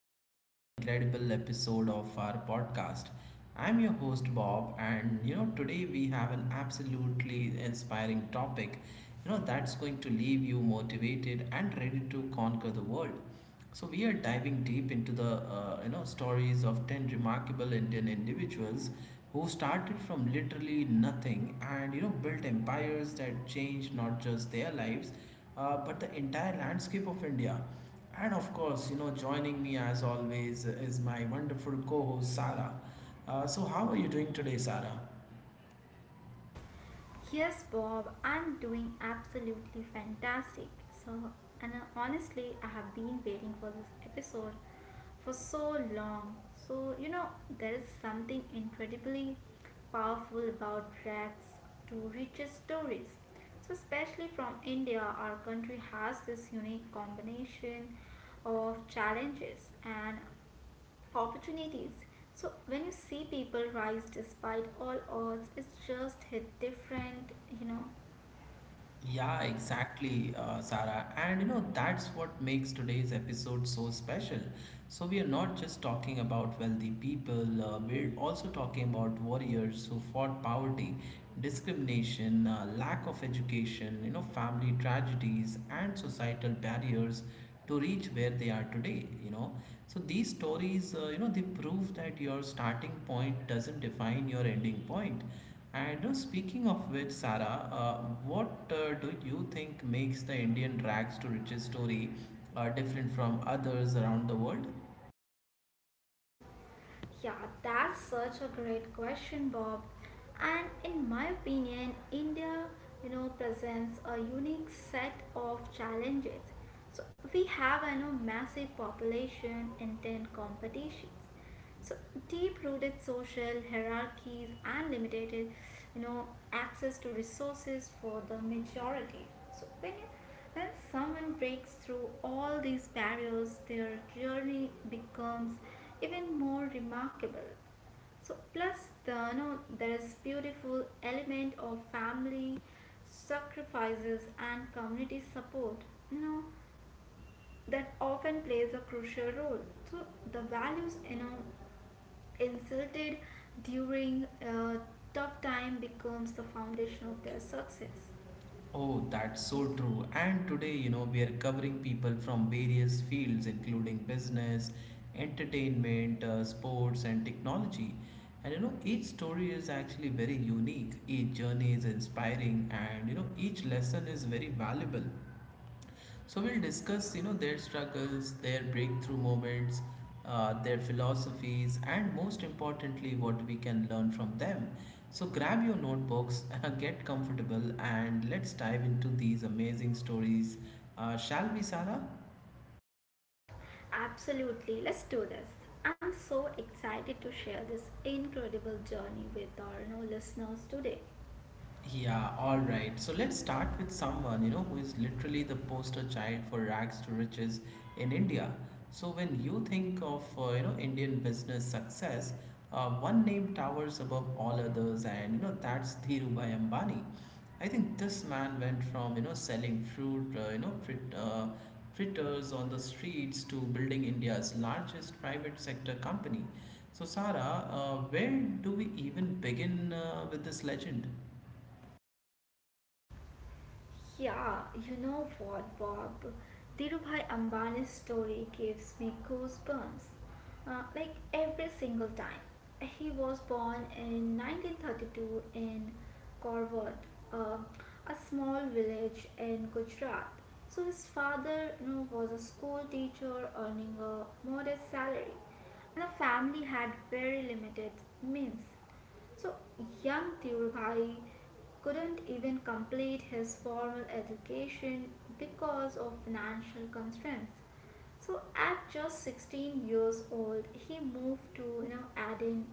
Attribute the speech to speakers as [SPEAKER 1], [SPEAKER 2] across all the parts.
[SPEAKER 1] to another incredible episode of our podcast. I'm your host, Bob, and today we have an absolutely inspiring topic that's going to leave you motivated and ready to conquer the world. So we are diving deep into the stories of 10 remarkable Indian individuals who started from literally nothing and built empires that changed not just their lives but the entire landscape of India. And of course, joining me as always is my wonderful co-host Sara. So how are you doing today, Sara?
[SPEAKER 2] Yes, Bob, I'm doing absolutely fantastic. So, and honestly, I have been waiting for this episode for so long. So, there is something incredibly powerful about rags to riches stories. So, especially from India, our country has this unique combination of challenges and opportunities. So when you see people rise despite all odds, it's just hit different, you know,
[SPEAKER 1] Yeah, exactly, Sarah. And that's what makes today's episode so special. So, we are not just talking about wealthy people, we're also talking about warriors who fought poverty, discrimination, lack of education, family tragedies, and societal barriers to reach where they are today. So these stories they prove that your starting point doesn't define your ending point. And speaking of which, Sarah, what do you think makes the Indian rags to riches story different from others around the world?
[SPEAKER 2] Yeah, that's such a great question, Bob. And in my opinion, India presents a unique set of challenges. So we have massive population, intense competitions. So deep-rooted social hierarchies and limited access to resources for the majority. So when someone breaks through all these barriers, their journey becomes even more remarkable. So plus there is beautiful element of family sacrifices and community support, you know, that often plays a crucial role. So the values insulted during a tough time becomes the foundation of their success.
[SPEAKER 1] Oh, that's
[SPEAKER 2] In.
[SPEAKER 1] so true. And today, we are covering people from various fields, including business, entertainment, sports, and technology. And each story is actually very unique, each journey is inspiring, and each lesson is very valuable. So we'll discuss, their struggles, their breakthrough moments, their philosophies, and most importantly, what we can learn from them. So grab your notebooks, get comfortable, and let's dive into these amazing stories. Shall we, Sarah?
[SPEAKER 2] Absolutely, let's do this. I'm so excited to share this incredible journey with our listeners today.
[SPEAKER 1] Yeah, all right. So let's start with someone, who is literally the poster child for rags to riches in India. So when you think of, Indian business success, one name towers above all others and, that's Dhirubhai Ambani. I think this man went from, selling fruit, fritters on the streets to building India's largest private sector company. So Sara, where do we even begin with this legend?
[SPEAKER 2] Yeah, you know what, Bob? Dhirubhai Ambani's story gives me goosebumps. Like every single time. He was born in 1932 in Korvat, uh, a small village in Gujarat. So his father was a school teacher earning a modest salary, and the family had very limited means. So, young Dhirubhai couldn't even complete his formal education because of financial constraints. So at just 16 years old, he moved to Aden,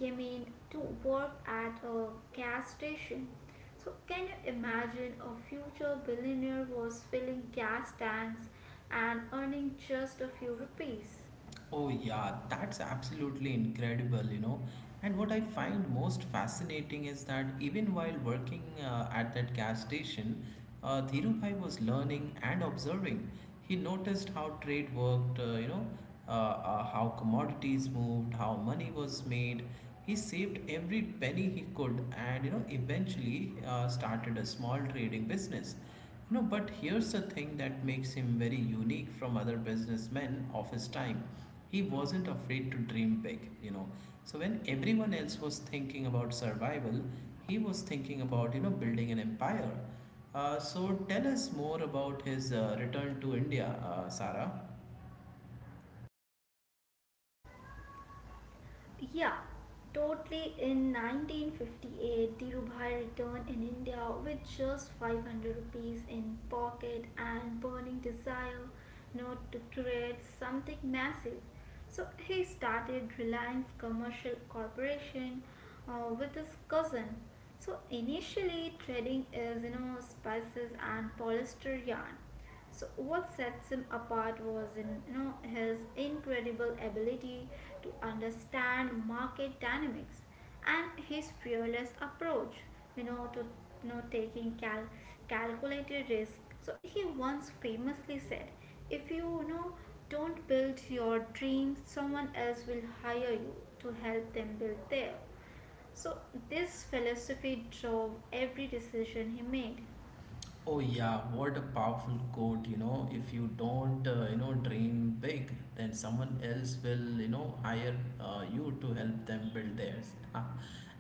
[SPEAKER 2] Yemen to work at a gas station. So can you imagine a future billionaire was filling gas tanks and earning just a few rupees?
[SPEAKER 1] Oh, yeah, that's absolutely incredible, you know. And what I find most fascinating is that even while working at that gas station, Dhirubhai was learning and observing. He noticed how trade worked, how commodities moved, how money was made. He saved every penny he could and, eventually started a small trading business. But here's the thing that makes him very unique from other businessmen of his time. He wasn't afraid to dream big, you know. So when everyone else was thinking about survival, he was thinking about, building an empire. So tell us more about his return to India, Sarah.
[SPEAKER 2] Yeah, totally. In 1958, Dhirubhai returned in India with just 500 rupees in pocket and burning desire not to create something massive. So he started Reliance Commercial Corporation with his cousin. So initially, trading is spices and polyester yarn. So what sets him apart was in you know his incredible ability to understand market dynamics and his fearless approach to taking calculated risk. So he once famously said, if you, you know don't build your dreams, someone else will hire you to help them build their." So this philosophy drove every decision he made.
[SPEAKER 1] Oh yeah, what a powerful quote, you know, if you don't, dream big, then someone else will, hire you to help them build theirs.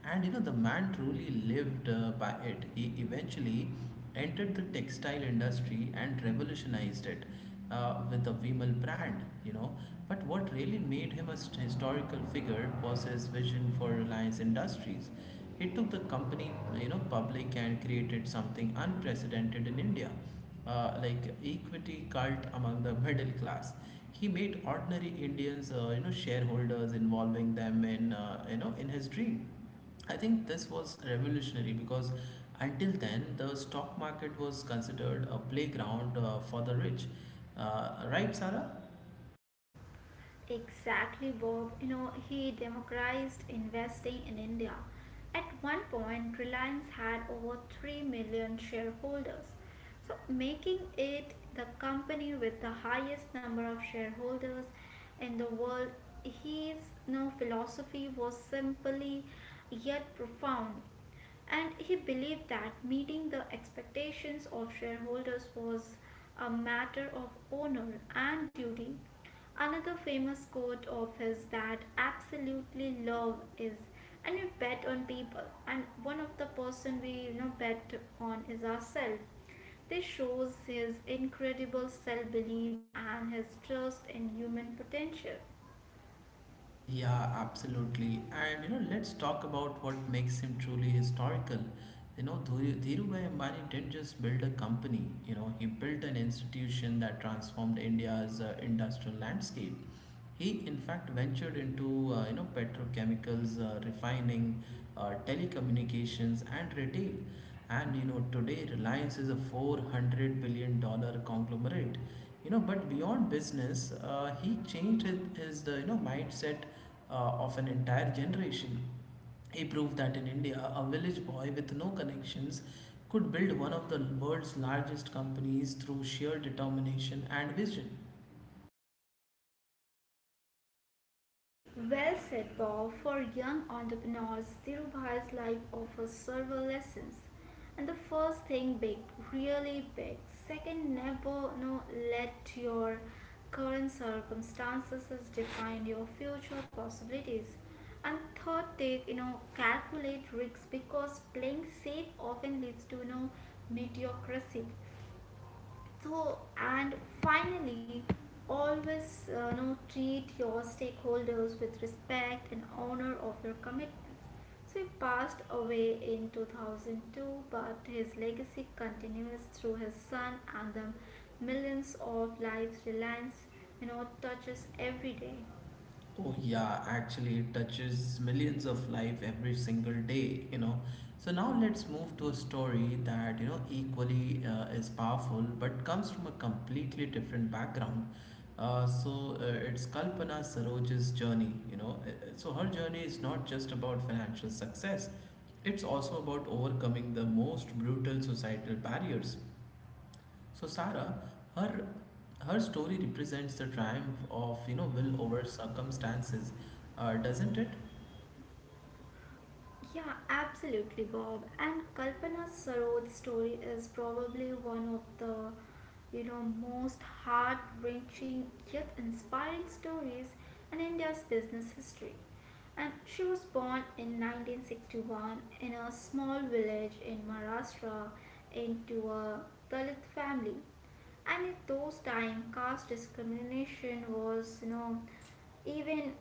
[SPEAKER 1] And the man truly lived by it. He eventually entered the textile industry and revolutionized it with the Vimal brand, you know. But what really made him a historical figure was his vision for Reliance Industries. It took the company, public and created something unprecedented in India, like equity cult among the middle class. He made ordinary Indians, shareholders, involving them in, in his dream. I think this was revolutionary because until then the stock market was considered a playground for the rich. Right, Sarah?
[SPEAKER 2] Exactly, Bob. You know, he democratized investing in India. At one point, Reliance had over 3 million shareholders, so making it the company with the highest number of shareholders in the world. His philosophy was simply yet profound, and he believed that meeting the expectations of shareholders was a matter of honor and duty. Another famous quote of his that absolutely love is, and we bet on people, and one of the person we bet on is ourselves. This shows his incredible self belief and his trust in human potential.
[SPEAKER 1] Yeah, absolutely. And let's talk about what makes him truly historical. Dhirubhai Ambani didn't just build a company. You know, he built an institution that transformed India's industrial landscape. He, in fact, ventured into petrochemicals, refining, telecommunications, and retail. And today Reliance is a 400 dollar conglomerate. But beyond business, he changed his the you know mindset of an entire generation. He proved that in India, a village boy with no connections could build one of the world's largest companies through sheer determination and vision.
[SPEAKER 2] Well said, Bob. For young entrepreneurs, Dhirubhai's life offers several lessons. And the first thing big, really big. Second, never no, let your current circumstances define your future possibilities. And third, take calculate risks because playing safe often leads to mediocrity. So, and finally, always treat your stakeholders with respect and honor of your commitments. So, he passed away in 2002, but his legacy continues through his son and the millions of lives Reliance touches every day.
[SPEAKER 1] Oh yeah, actually it touches millions of life every single day, you know. So now let's move to a story that, equally is powerful but comes from a completely different background. Uh, so uh, it's Kalpana Saroj's journey, you know. So her journey is not just about financial success. It's also about overcoming the most brutal societal barriers. So Sarah, her her story represents the triumph of will over circumstances, doesn't it?
[SPEAKER 2] Yeah, absolutely, Bob. And Kalpana Saroj's story is probably one of the most heart-wrenching yet inspiring stories in India's business history. And she was born in 1961 in a small village in Maharashtra into a Dalit family. And at those time, caste discrimination was even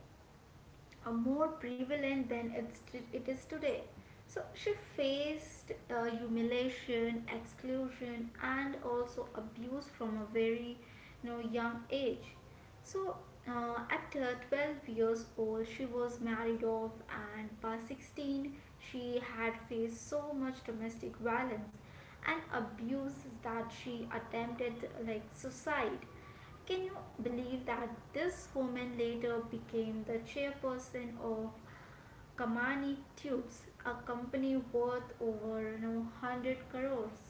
[SPEAKER 2] are more prevalent than it is today. So she faced humiliation, exclusion, and also abuse from a very young age. So at 12 years old, she was married off, and by 16, she had faced so much domestic violence and abuses that she attempted like suicide. Can you believe that this woman later became the chairperson of Kamani Tubes, a company worth over 100 crores?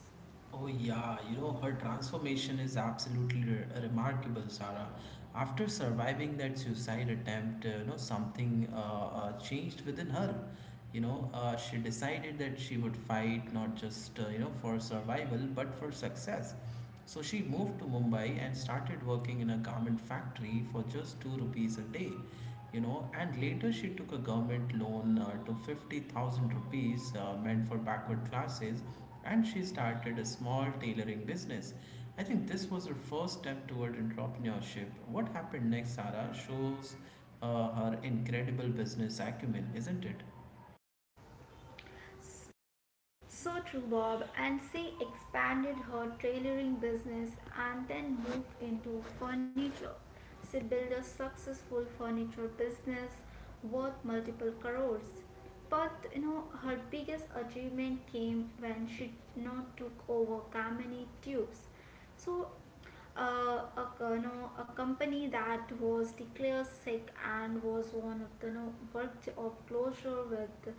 [SPEAKER 1] Oh yeah, her transformation is absolutely remarkable, Sarah. After surviving that suicide attempt, you know something changed within her. She decided that she would fight not just for survival but for success. So she moved to Mumbai and started working in a garment factory for just two rupees a day. And later she took a government loan to 50,000 rupees meant for backward classes, and she started a small tailoring business. I think this was her first step toward entrepreneurship. What happened next, Sarah, shows her incredible business acumen, isn't it?
[SPEAKER 2] So true, Bob. And she expanded her tailoring business and then moved into furniture. She built a successful furniture business worth multiple crores. But her biggest achievement came when she took over Kamini Tubes. So uh, a, a company that was declared sick and was one of the no worked of closure with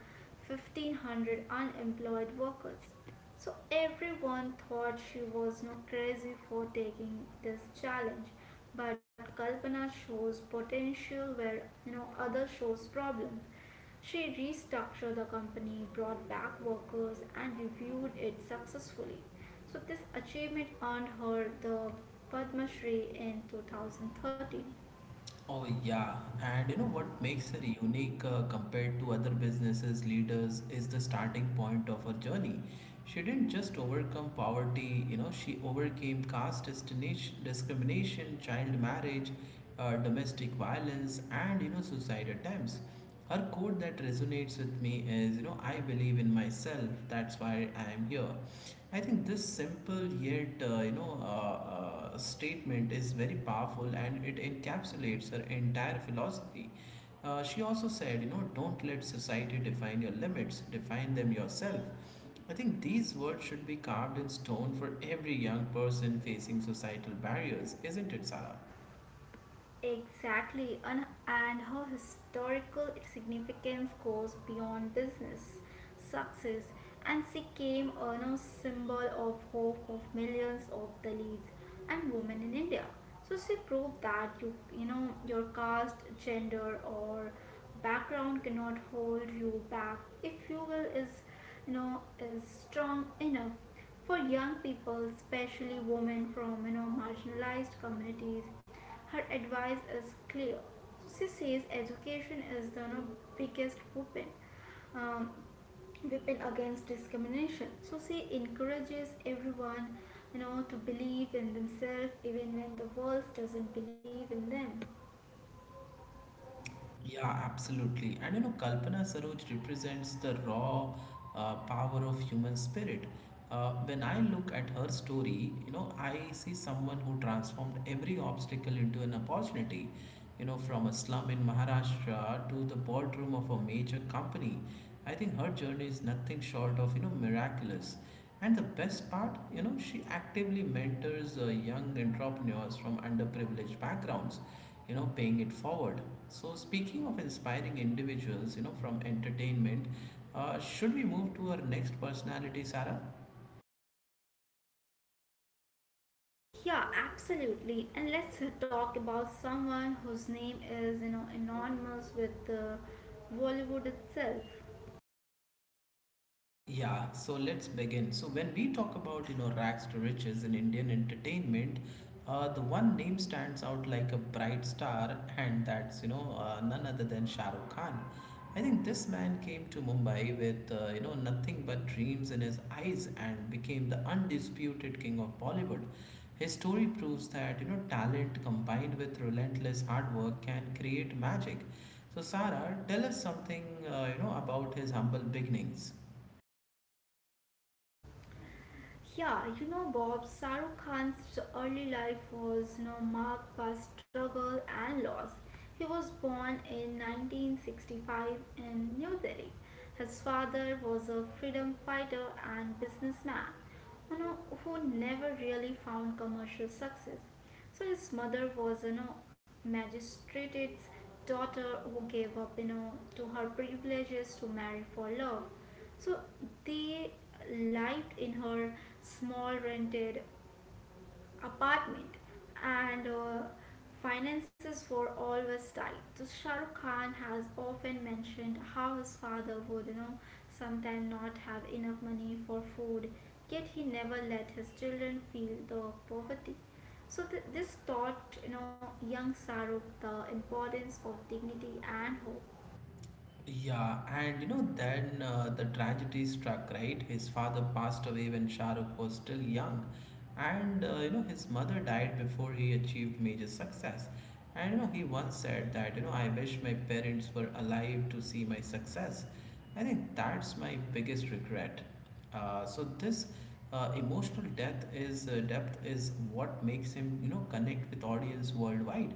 [SPEAKER 2] 1500 unemployed workers. So everyone thought she was no crazy for taking this challenge, but Kalpana shows potential where others shows problem. She restructured the company, brought back workers, and reviewed it successfully. So this achievement earned her the Padma Shri in 2013.
[SPEAKER 1] Oh, yeah. And what makes her unique compared to other businesses leaders is the starting point of her journey. She didn't just overcome poverty, she overcame caste discrimination, child marriage, domestic violence, and suicide attempts. Her quote that resonates with me is, I believe in myself. That's why I am here. I think this simple yet, statement is very powerful and it encapsulates her entire philosophy. She also said, don't let society define your limits, define them yourself. I think these words should be carved in stone for every young person facing societal barriers, isn't it, Sarah?
[SPEAKER 2] Exactly, and her historical significance goes beyond business success, and she came on a symbol of hope of millions of Dalits and women in India. So she proved that your caste, gender, or background cannot hold you back if you will is strong enough. For young people, especially women from marginalized communities, her advice is clear. So she says, education is the no biggest weapon. Um, weapon against discrimination. So she encourages everyone to believe in themselves even when the world doesn't believe in them.
[SPEAKER 1] Yeah, absolutely. And Kalpana Saroj represents the raw power of human spirit. When I look at her story, I see someone who transformed every obstacle into an opportunity. From a slum in Maharashtra to the boardroom of a major company. I think her journey is nothing short of, miraculous. And the best part, she actively mentors young entrepreneurs from underprivileged backgrounds, paying it forward. So speaking of inspiring individuals from entertainment, should we move to our next personality, Sarah?
[SPEAKER 2] Yeah, absolutely. And let's talk about someone whose name is anonymous with the Bollywood itself.
[SPEAKER 1] Yeah, so let's begin. So when we talk about rags to riches in Indian entertainment, the one name stands out like a bright star, and that's none other than Shah Rukh Khan. I think this man came to Mumbai with nothing but dreams in his eyes and became the undisputed king of Bollywood. His story proves that talent combined with relentless hard work can create magic. So Sarah, tell us something about his humble beginnings.
[SPEAKER 2] Yeah, Bob, Shah Khan's early life was marked by struggle and loss. He was born in 1965 in New Delhi. His father was a freedom fighter and businessman you know, who never really found commercial success. So his mother was magistrate's daughter who gave up to her privileges to marry for love. So they lived in her small rented apartment, and finances were always tight. So Shah Rukh Khan has often mentioned how his father would sometimes not have enough money for food, yet he never let his children feel the poverty. So this taught young Saruk the importance of dignity and hope.
[SPEAKER 1] Yeah, and then the tragedy struck, right? His father passed away when Shah Rukh was still young, and his mother died before he achieved major success. And he once said that, I wish my parents were alive to see my success. I think that's my biggest regret. So this emotional depth is what makes him, connect with audience worldwide.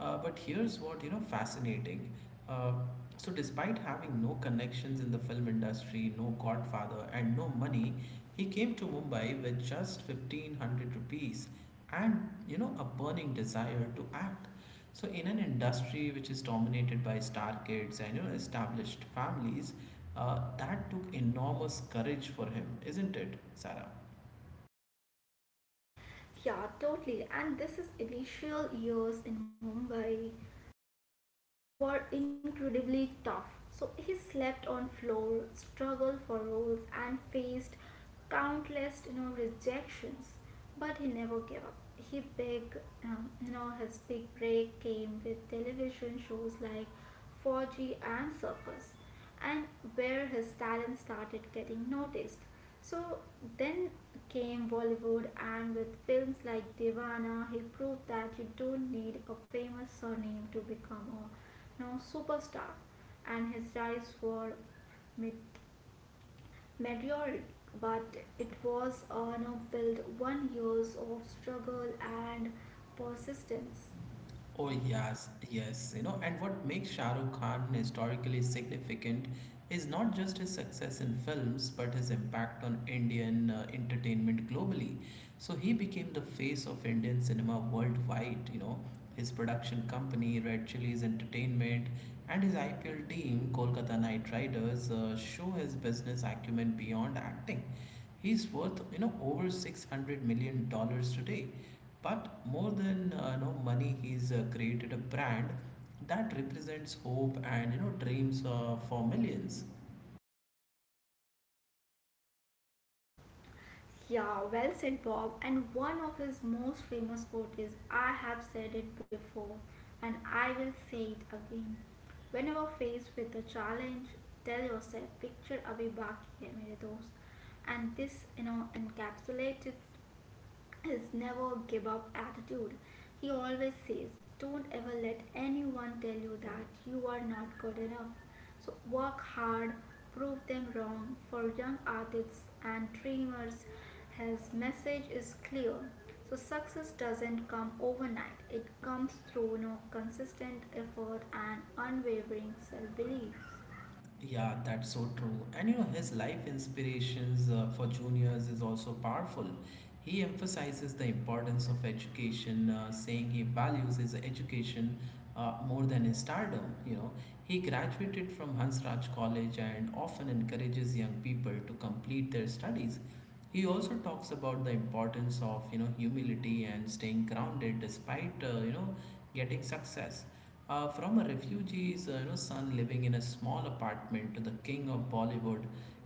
[SPEAKER 1] But here's what fascinating. Uh, so despite having no connections in the film industry, no godfather, and no money, he came to Mumbai with just 1500 rupees and a burning desire to act. So, in an industry which is dominated by star kids and established families, that took enormous courage for him, isn't it, Sarah?
[SPEAKER 2] Yeah, totally. And this is initial years in Mumbai were incredibly tough. So he slept on floor, struggled for roles, and faced countless rejections. But he never gave up. He big you know his big break came with television shows like 4G and Circus, and where his talent started getting noticed. So then came Bollywood, and with films like Divana, he proved that you don't need a famous surname to become a superstar. And his rise were met- meteoric, but it was on a build one years of struggle and persistence.
[SPEAKER 1] Oh yes, yes, and what makes Shah Rukh Khan historically significant is not just his success in films, but his impact on Indian entertainment globally. So he became the face of Indian cinema worldwide. His production company, Red Chillies Entertainment, and his IPL team, Kolkata Knight Riders, show his business acumen beyond acting. He's worth over $600 million today, but more than money, he's created a brand that represents hope and dreams for millions.
[SPEAKER 2] Yeah, well said, Bob. And one of his most famous quote is, I have said it before and I will say it again. Whenever faced with a challenge, tell yourself, picture abhi baki hai mere dost. And this encapsulated his never give up attitude. He always says, "Don't ever let anyone tell you that you are not good enough. So work hard, prove them wrong." For young artists and dreamers, his message is clear. So success doesn't come overnight, it comes through no consistent effort and unwavering self belief.
[SPEAKER 1] Yeah, that's so true. And his life inspirations for juniors is also powerful. He emphasizes the importance of education, saying he values his education more than his stardom. He graduated from Hansraj College and often encourages young people to complete their studies. He also talks about the importance of humility and staying grounded despite getting success. From a refugee's son living in a small apartment to the king of Bollywood,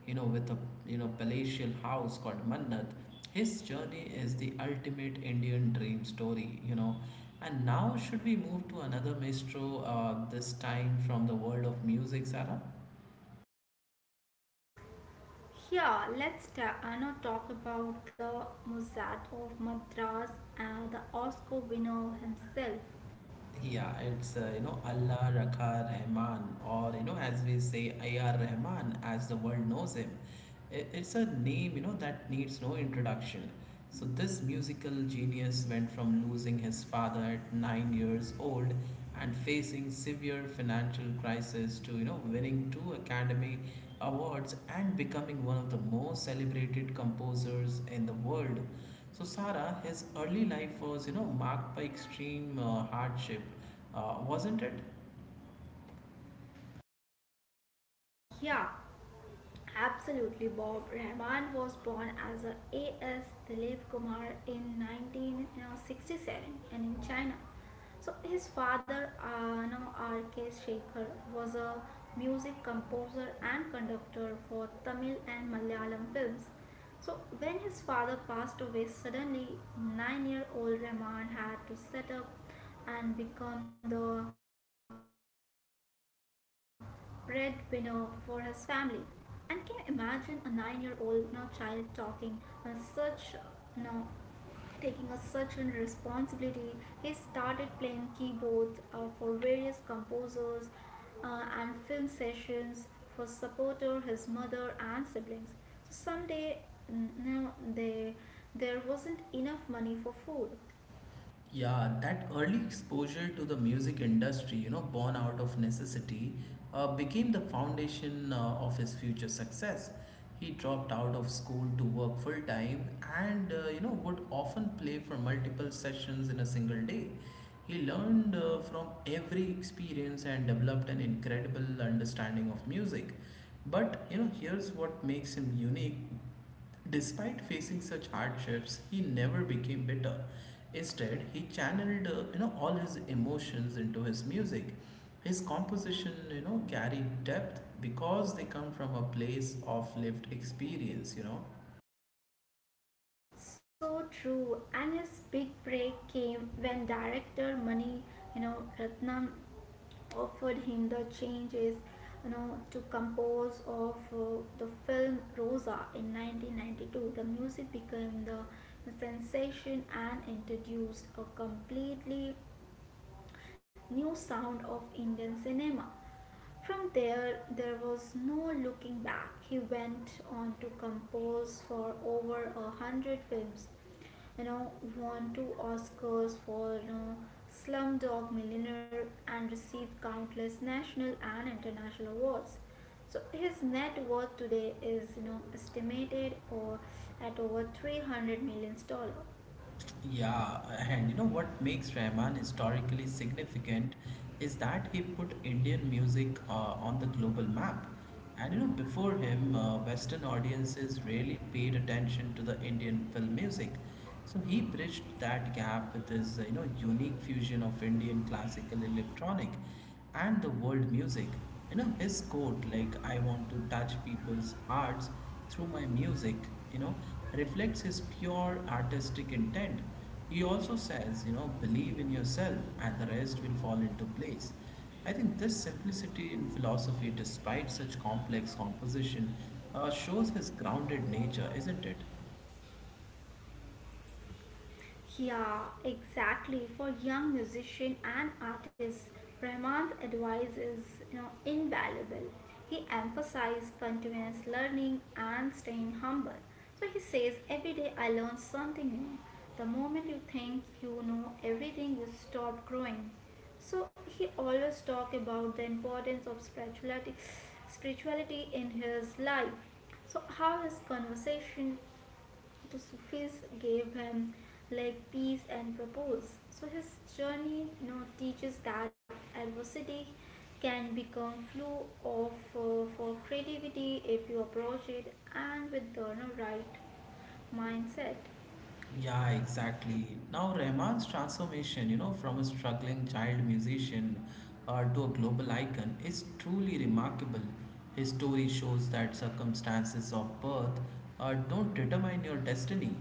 [SPEAKER 1] with a palatial house called Mannat, his journey is the ultimate Indian dream story. And now should we move to another maestro? This time from the world of music, Sarah.
[SPEAKER 2] Yeah, let's now talk about the Mozart of Madras and the Oscar winner himself.
[SPEAKER 1] Yeah, it's Allah Raka Rahman, or as we say, Ayar Rahman, as the world knows him. It's a name that needs no introduction. So, this musical genius went from losing his father at 9 years old and facing severe financial crisis to winning two Academy Awards and becoming one of the most celebrated composers in the world. So Sarah, his early life was, marked by extreme hardship, wasn't it?
[SPEAKER 2] Yeah, absolutely, Bob. Rahman was born as a A.S. Dilip Kumar in 1967 and in China. So his father, no, R.K. Shekhar, was a music composer and conductor for Tamil and Malayalam films. So when his father passed away suddenly, 9-year-old Rahman had to set up and become the breadwinner for his family. And can you imagine a 9-year-old now child talking on such now taking a such an responsibility? He started playing keyboards for various composers and film sessions for supporter his mother and siblings. So someday, n- now they there wasn't enough money for food.
[SPEAKER 1] Yeah, that early exposure to the music industry, born out of necessity, became the foundation of his future success. He dropped out of school to work full time and, would often play for multiple sessions in a single day. He learned from every experience and developed an incredible understanding of music. But, here's what makes him unique. Despite facing such hardships, he never became bitter. Instead, he channeled all his emotions into his music. His composition, carry depth because they come from a place of lived experience.
[SPEAKER 2] So true. And his big break came when director Mani Ratnam offered him the changes to compose of the film Rosa in 1992. The music became the sensation and introduced a completely new sound of Indian cinema. From there, there was no looking back. He went on to compose for over 100 films, you know, won two Oscars for Slumdog Millionaire and received countless national and international awards. So his net worth today is estimated or at over 300 million dollars.
[SPEAKER 1] Yeah, and what makes Rahman historically significant is that he put Indian music on the global map. And before him, Western audiences rarely paid attention to the Indian film music. So he bridged that gap with his, unique fusion of Indian classical electronic and the world music. His quote, like, I want to touch people's hearts through my music, you know, reflects his pure artistic intent. He also says, believe in yourself and the rest will fall into place. I think this simplicity in philosophy, despite such complex composition, shows his grounded nature, isn't it?
[SPEAKER 2] Yeah, exactly. For young musician and artists, Rahman's advice is invaluable. He emphasized continuous learning and staying humble. So he says, every day I learn something new. The moment you think you know everything, you stop growing. So he always talk about the importance of spirituality, spirituality in his life. So how his conversation the Sufis gave him like peace and purpose. So his journey now teaches that adversity can become fuel of for creativity if you approach it and with the you right mindset.
[SPEAKER 1] Yeah, exactly. Now, Rahman's transformation, from a struggling child musician to a global icon is truly remarkable. His story shows that circumstances of birth don't determine your destiny.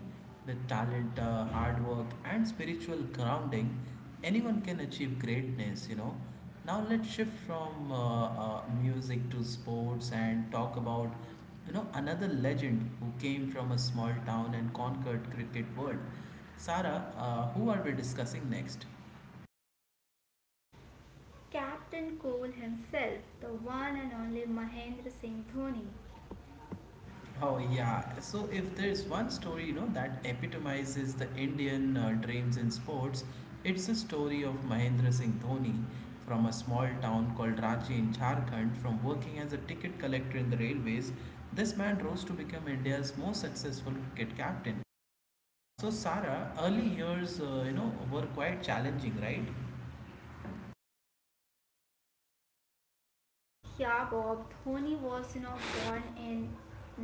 [SPEAKER 1] With talent, hard work, and spiritual grounding, anyone can achieve greatness. Now, let's shift from music to sports and talk about another legend who came from a small town and conquered cricket world. Sarah, who are we discussing next?
[SPEAKER 2] Captain Cole himself, the one and only Mahendra Singh Dhoni.
[SPEAKER 1] Oh yeah. So if there's one story, that epitomizes the Indian dreams in sports, it's the story of Mahendra Singh Dhoni from a small town called Ranchi in Jharkhand. From working as a ticket collector in the railways, this man rose to become India's most successful cricket captain. So Sarah, early years, were quite challenging, right?
[SPEAKER 2] Yeah, Bob. Dhoni was born in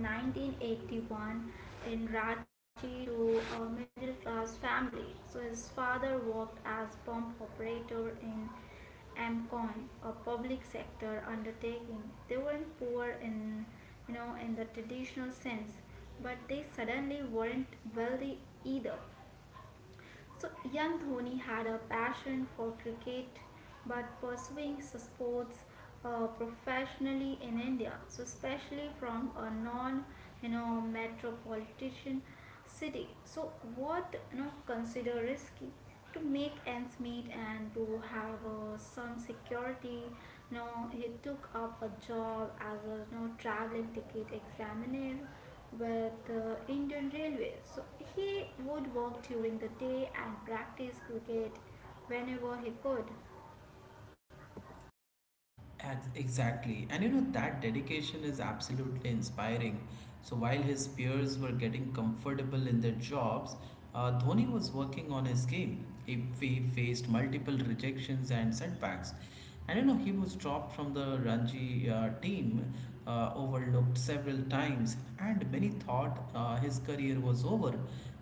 [SPEAKER 2] 1981 in Ranchi to a middle class family. So his father worked as pump operator in Amcon, a public sector undertaking. They weren't poor in in the traditional sense, but they suddenly weren't wealthy either. So, young Dhoni had a passion for cricket but pursuing sports professionally in India, so especially from a non metropolitan city. So, what consider risky to make ends meet and to have some security? No, he took up a job as a traveling ticket examiner with the Indian Railways. So he would work during the day and practice cricket whenever he could.
[SPEAKER 1] Exactly. And that dedication is absolutely inspiring. So while his peers were getting comfortable in their jobs, Dhoni was working on his game. He faced multiple rejections and setbacks, and he was dropped from the Ranji team, overlooked several times, and many thought his career was over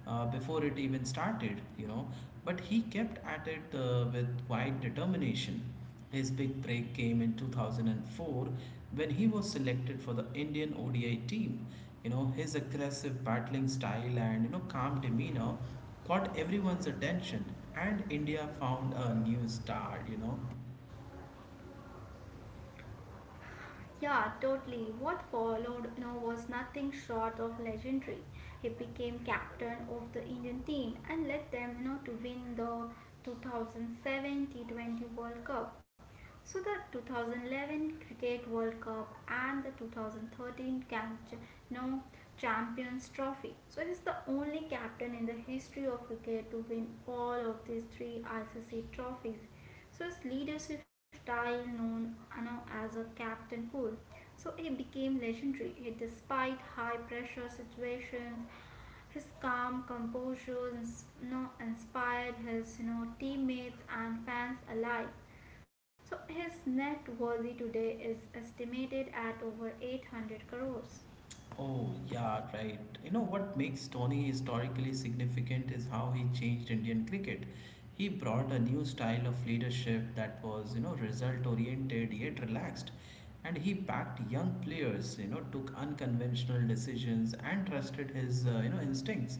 [SPEAKER 1] before it even started. But he kept at it with quiet determination. His big break came in 2004 when he was selected for the Indian ODI team. His aggressive battling style and calm demeanor caught everyone's attention and India found a new star,
[SPEAKER 2] Yeah, totally. What followed was nothing short of legendary. He became captain of the Indian team and led them to win the 2007 T20 World Cup. So the 2011 Cricket World Cup and the 2013 you know, Champions Trophy. So it is the only captain in the history of cricket to win all of these three ICC trophies. So his leadership style, known as a Captain Cool, so he became legendary. He, despite high pressure situations, his calm composure inspired his teammates and fans alike. So his net worth today is estimated at over 800 crores.
[SPEAKER 1] Oh, yeah, right. What makes Dhoni historically significant is how he changed Indian cricket. He brought a new style of leadership that was, result oriented yet relaxed. And he backed young players, took unconventional decisions and trusted his, instincts.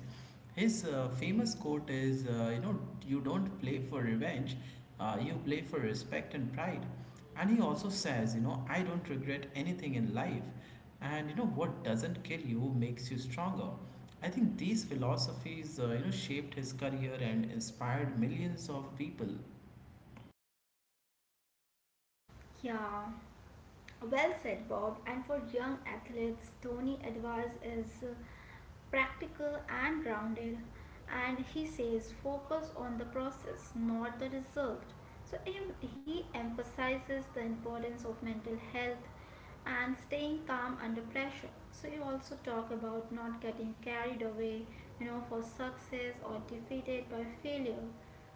[SPEAKER 1] His famous quote is, you don't play for revenge, you play for respect and pride. And he also says, I don't regret anything in life and what doesn't kill you makes you stronger. I think these philosophies shaped his career and inspired millions of people.
[SPEAKER 2] Yeah, well said, Bob. And for young athletes, Tony advice is practical and grounded. And he says focus on the process, not the result. So he emphasizes the importance of mental health and staying calm under pressure. So you also talk about not getting carried away, you know, for success or defeated by failure.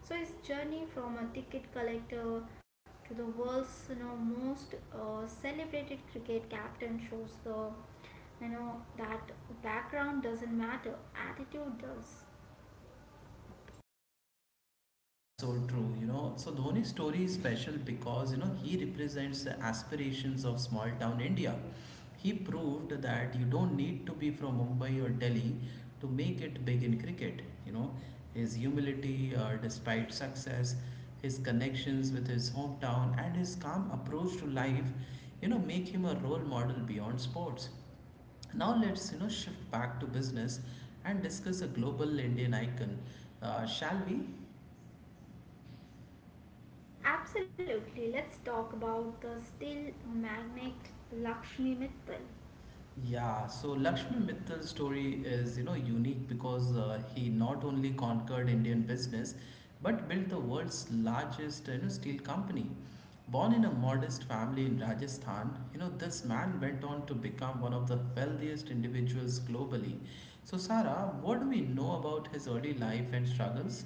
[SPEAKER 2] So his journey from a ticket collector to the world's most celebrated cricket captain shows the that background doesn't matter, attitude does.
[SPEAKER 1] That's so true, So Dhoni's story is special because, he represents the aspirations of small town India. He proved that you don't need to be from Mumbai or Delhi to make it big in cricket, you know. His humility despite success, his connections with his hometown and his calm approach to life, make him a role model beyond sports. Now let's shift back to business and discuss a global Indian icon. Shall we?
[SPEAKER 2] Absolutely. Let's talk about the steel magnate Lakshmi Mittal.
[SPEAKER 1] Yeah, so Lakshmi Mittal's story is, unique because he not only conquered Indian business but built the world's largest, steel company. Born in a modest family in Rajasthan, this man went on to become one of the wealthiest individuals globally. So, Sarah, what do we know about his early life and struggles?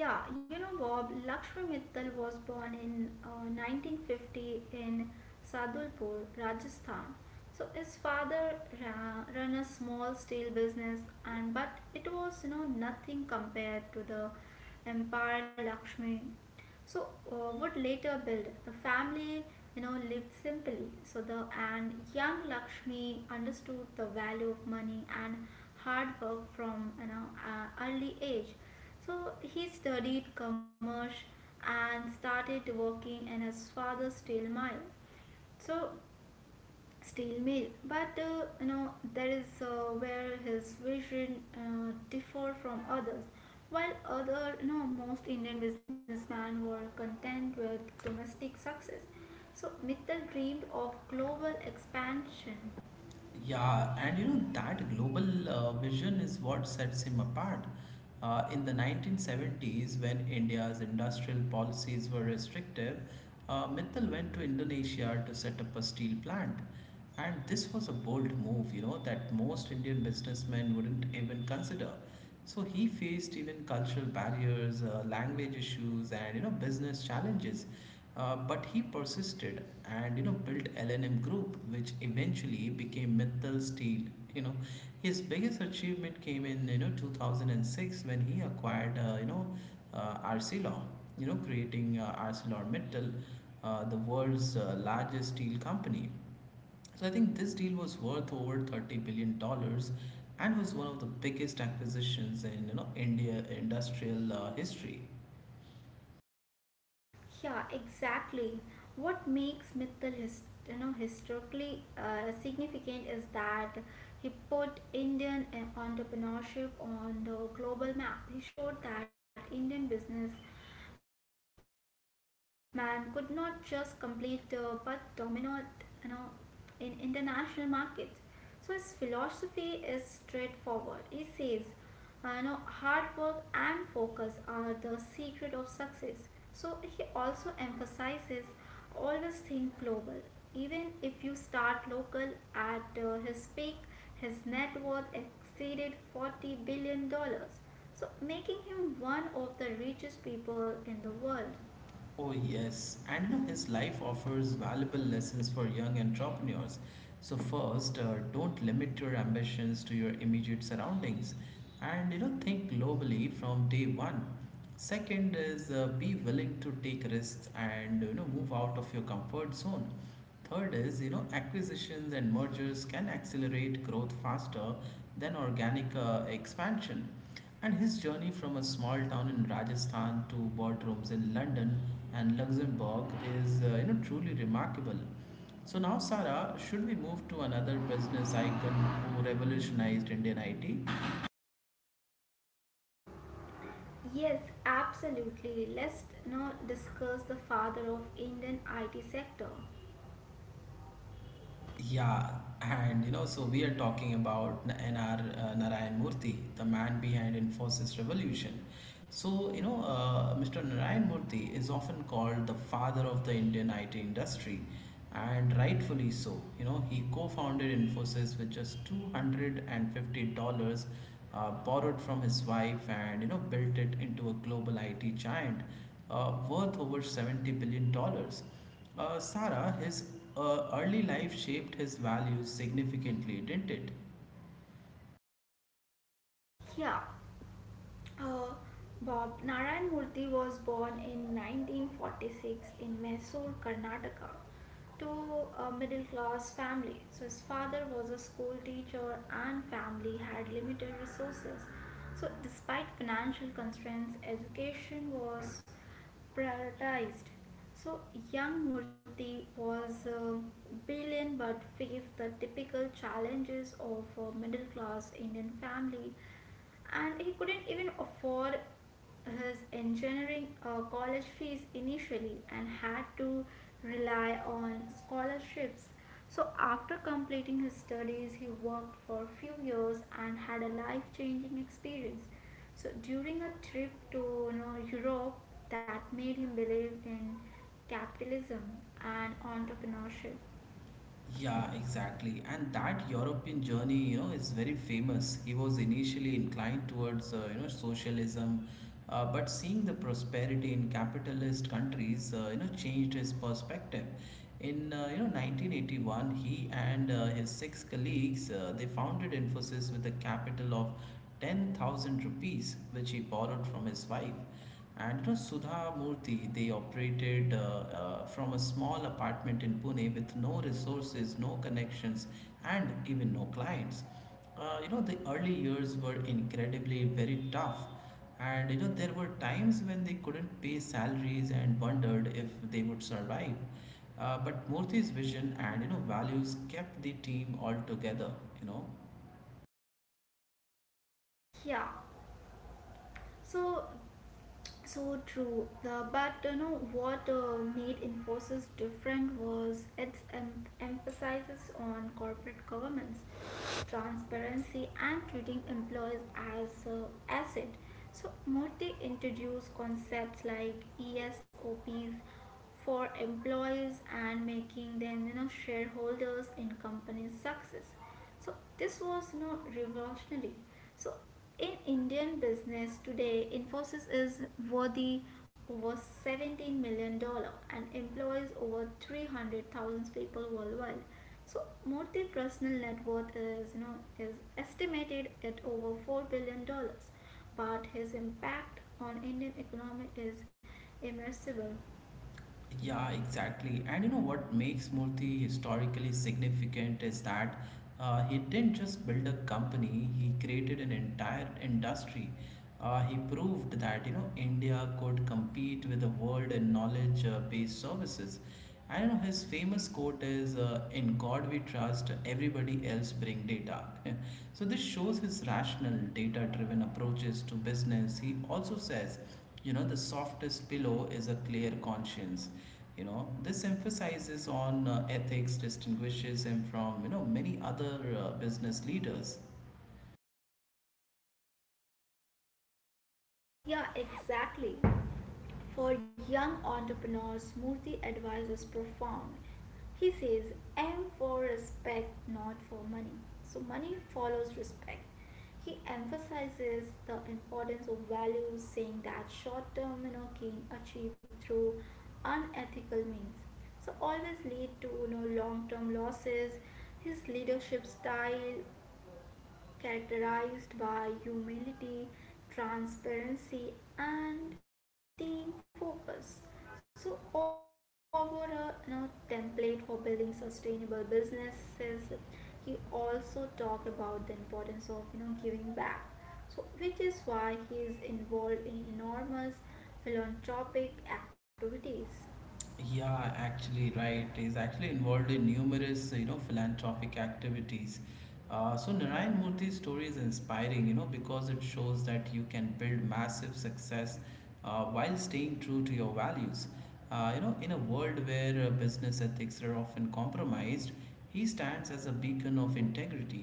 [SPEAKER 2] Yeah, you know, Bob, Lakshmi Mittal was born in 1950 in Sadulpur, Rajasthan. So his father ran a small steel business, and but it was nothing compared to the empire Lakshmi so would later build the family. You know, lived simply. So the and young Lakshmi understood the value of money and hard work from early age. So he studied commerce and started working in his father's steel mine. So steel mill but that is where his vision differ from others while other most indian businessmen were content with domestic success, so Mittal dreamed of global expansion.
[SPEAKER 1] Yeah, and that global vision is what sets him apart. In the 1970s, when India's industrial policies were restrictive, Mittal went to Indonesia to set up a steel plant. And this was a bold move, that most Indian businessmen wouldn't even consider. So he faced even cultural barriers, language issues, and business challenges. But he persisted and built LNM Group, which eventually became Mittal Steel. You know, his biggest achievement came in 2006 when he acquired ArcelorMittal. Creating ArcelorMittal, the world's largest steel company. So I think this deal was worth over 30 billion dollars and was one of the biggest acquisitions in India industrial history.
[SPEAKER 2] Yeah, exactly. What makes Mittal his, you know, historically significant is that he put Indian entrepreneurship on the global map. He showed that Indian businessman could not just complete but dominate, you know, in international markets. So his philosophy is straightforward. He says, hard work and focus are the secret of success. So he also emphasizes always think global. Even if you start local, at his peak, his net worth exceeded 40 billion dollars. So making him one of the richest people in the world.
[SPEAKER 1] Oh yes, and his life offers valuable lessons for young entrepreneurs. So first, don't limit your ambitions to your immediate surroundings, and think globally from day one. Second is be willing to take risks and move out of your comfort zone. Third is, acquisitions and mergers can accelerate growth faster than organic expansion. And his journey from a small town in Rajasthan to boardrooms in London and Luxembourg is, truly remarkable. So now, Sarah, should we move to another business icon who revolutionized Indian IT?
[SPEAKER 2] Yes, absolutely. Let's now discuss the father of Indian IT sector.
[SPEAKER 1] Yeah, and so we are talking about NR Narayan Murthy, the man behind Infosys revolution. So, Mr. Narayan Murthy is often called the father of the Indian IT industry, and rightfully so. He co-founded Infosys with just $250 borrowed from his wife and, built it into a global IT giant worth over $70 billion. Dollars. Sarah, his early life shaped his values significantly, didn't it?
[SPEAKER 2] Yeah, Uh, Bob, Narayan Murthy was born in 1946 in Mysore, Karnataka, to a middle class family. So, his father was a school teacher, and family had limited resources. So, despite financial constraints, education was prioritized. So, young Murthy was brilliant but faced the typical challenges of a middle class Indian family, and he couldn't even afford his engineering college fees initially and had to rely on scholarships. So after completing his studies he worked for a few years and had a life changing experience. So during a trip to Europe that made him believe in capitalism and entrepreneurship.
[SPEAKER 1] Yeah, exactly. And that European journey, is very famous. He was initially inclined towards, socialism, but seeing the prosperity in capitalist countries, changed his perspective. In 1981, he and his six colleagues they founded Infosys with a capital of 10,000 rupees, which he borrowed from his wife. And Sudha Murthy, they operated from a small apartment in Pune with no resources, no connections, and even no clients. The early years were incredibly very tough. And there were times when they couldn't pay salaries and wondered if they would survive. But Murthy's vision and values kept the team all together. You know,
[SPEAKER 2] yeah so So true. But you know what made Infosys different was its emphasis on corporate governance, transparency, and treating employees as asset. So Murthy introduced concepts like ESOPs for employees and making them shareholders in company's success. So this was revolutionary. So in indian business today Infosys is worthy over 17 million dollar and employs over 300,000 people worldwide. So Murthy personal net worth is is estimated at over 4 billion dollars, but his impact on Indian economy is immeasurable.
[SPEAKER 1] Yeah, exactly. And what makes Murthy historically significant is that he didn't just build a company, he created an entire industry. He proved that India could compete with the world in knowledge-based services. And his famous quote is, "In God we trust. Everybody else bring data." so this shows his rational, data-driven approaches to business. He also says the softest pillow is a clear conscience. This emphasizes on ethics distinguishes him from many other business leaders.
[SPEAKER 2] Yeah, exactly. For young entrepreneurs, Murthy advice is profound. He says, aim for respect, not for money. So, money follows respect. He emphasizes the importance of values, saying that short term gain achieved through unethical means. So, always lead to long term losses. His leadership style characterized by humility, transparency, and team focus. So, overall, you know, template for building sustainable businesses. He also talked about the importance of giving back. So, which is why he is involved in enormous philanthropic activities.
[SPEAKER 1] Yeah, actually right, he's actually involved in numerous philanthropic activities. So Narayan Murthy's story is inspiring because it shows that you can build massive success while staying true to your values. In a world where business ethics are often compromised, he stands as a beacon of integrity.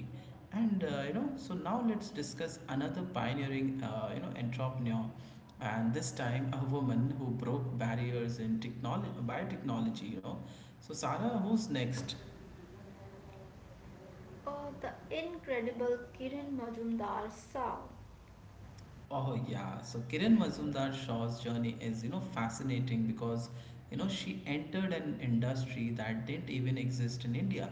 [SPEAKER 1] And so now let's discuss another pioneering, entrepreneur, and this time a woman who broke barriers in technology, biotechnology. So Sarah, who's next?
[SPEAKER 2] The incredible Kiran Majumdar Sao.
[SPEAKER 1] Oh yeah, so Kiran Mazumdar Shaw's journey is fascinating because she entered an industry that didn't even exist in India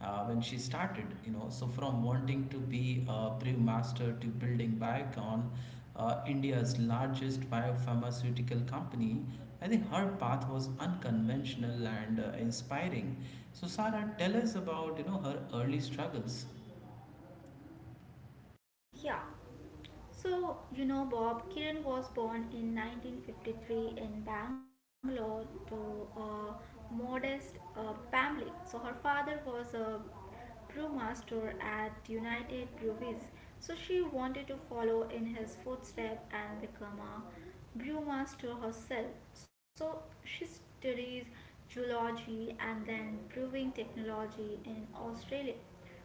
[SPEAKER 1] when she started. So from wanting to be a brewmaster to building Biocon, India's largest biopharmaceutical company, I think her path was unconventional and inspiring. So Sarah, tell us about her early struggles.
[SPEAKER 2] Yeah, so, you know, Bob, Kiran was born in 1953 in Bangalore to a modest family. So, her father was a brewmaster at United Breweries. So she wanted to follow in his footsteps and become a brewmaster herself. So she studies geology and then brewing technology in Australia.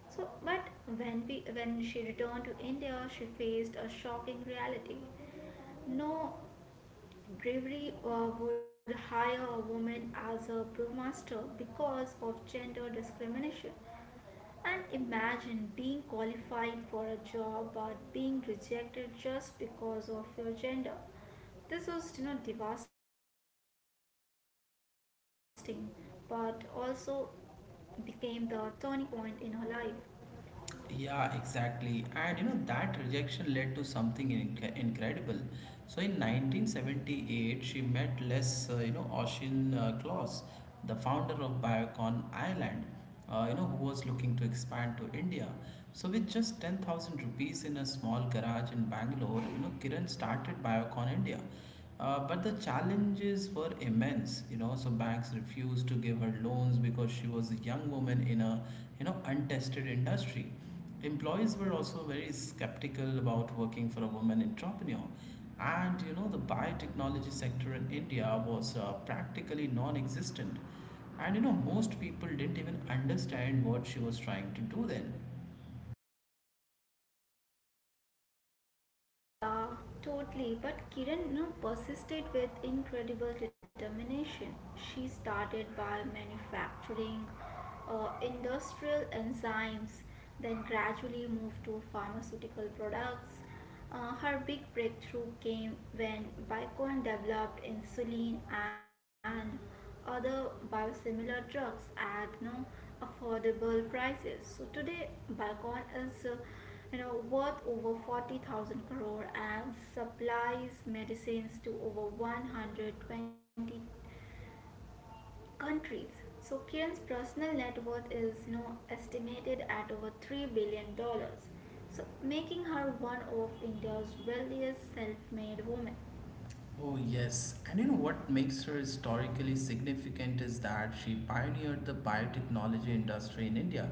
[SPEAKER 2] So, but when she returned to India, she faced a shocking reality. No brewery would hire a woman as a brewmaster because of gender discrimination. And imagine being qualified for a job but being rejected just because of your gender. This was, you know, devastating, but also became the turning point in her life.
[SPEAKER 1] Yeah, exactly. And you know, that rejection led to something incredible. So in 1978, she met Les, Oisin Claus, the founder of Biocon Ireland, who was looking to expand to India. So with just 10,000 rupees in a small garage in Bangalore, you know, Kiran started Biocon India. But the challenges were immense, you know. So banks refused to give her loans because she was a young woman in a, you know, untested industry. Employees were also very skeptical about working for a woman entrepreneur, and you know, the biotechnology sector in India was practically non-existent, and you know, most people didn't even understand what she was trying to do then.
[SPEAKER 2] Yeah, totally. But Kiran, you know, persisted with incredible determination. She started by manufacturing industrial enzymes, then gradually moved to pharmaceutical products. Her big breakthrough came when Bicon developed insulin and other biosimilar drugs at no affordable prices. So today, Biocon is worth over 40,000 crore and supplies medicines to over 120 countries. So Kiran's personal net worth is estimated at over 3 billion dollars. So making her one of India's wealthiest self-made women.
[SPEAKER 1] Oh, yes. And you know what makes her historically significant is that she pioneered the biotechnology industry in India.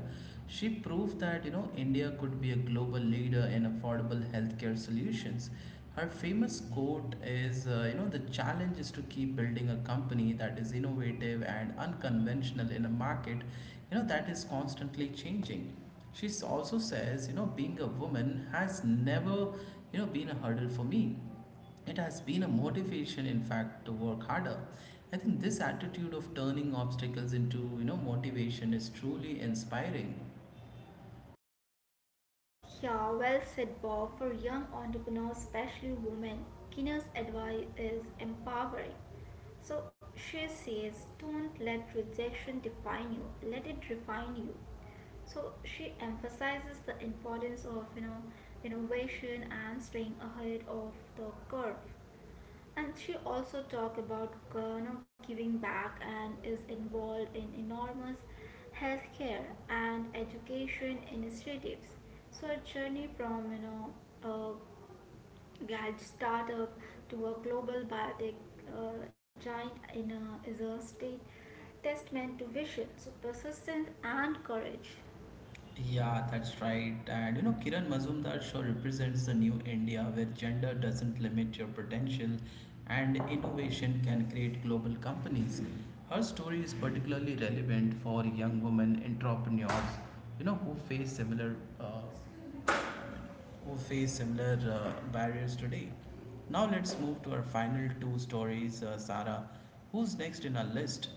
[SPEAKER 1] She proved that, you know, India could be a global leader in affordable healthcare solutions. Her famous quote is, you know, the challenge is to keep building a company that is innovative and unconventional in a market, you know, that is constantly changing. She also says, you know, being a woman has never, you know, been a hurdle for me. It has been a motivation, in fact, to work harder. I think this attitude of turning obstacles into, you know, motivation is truly inspiring.
[SPEAKER 2] Yeah, well said, Bob. For young entrepreneurs, especially women, Kina's advice is empowering. So she says, don't let rejection define you, let it refine you. So she emphasizes the importance of innovation and staying ahead of the curve. And she also talked about giving back and is involved in enormous healthcare and education initiatives. So her journey from a gadget startup to a global biotech giant in a, is a state testament to vision, so persistence and courage.
[SPEAKER 1] Yeah, that's right. And you know, Kiran Mazumdar sure represents the new India where gender doesn't limit your potential and innovation can create global companies. Her story is particularly relevant for young women entrepreneurs, you know, who face similar barriers today. Now let's move to our final two stories, Sarah. Who's next in our list?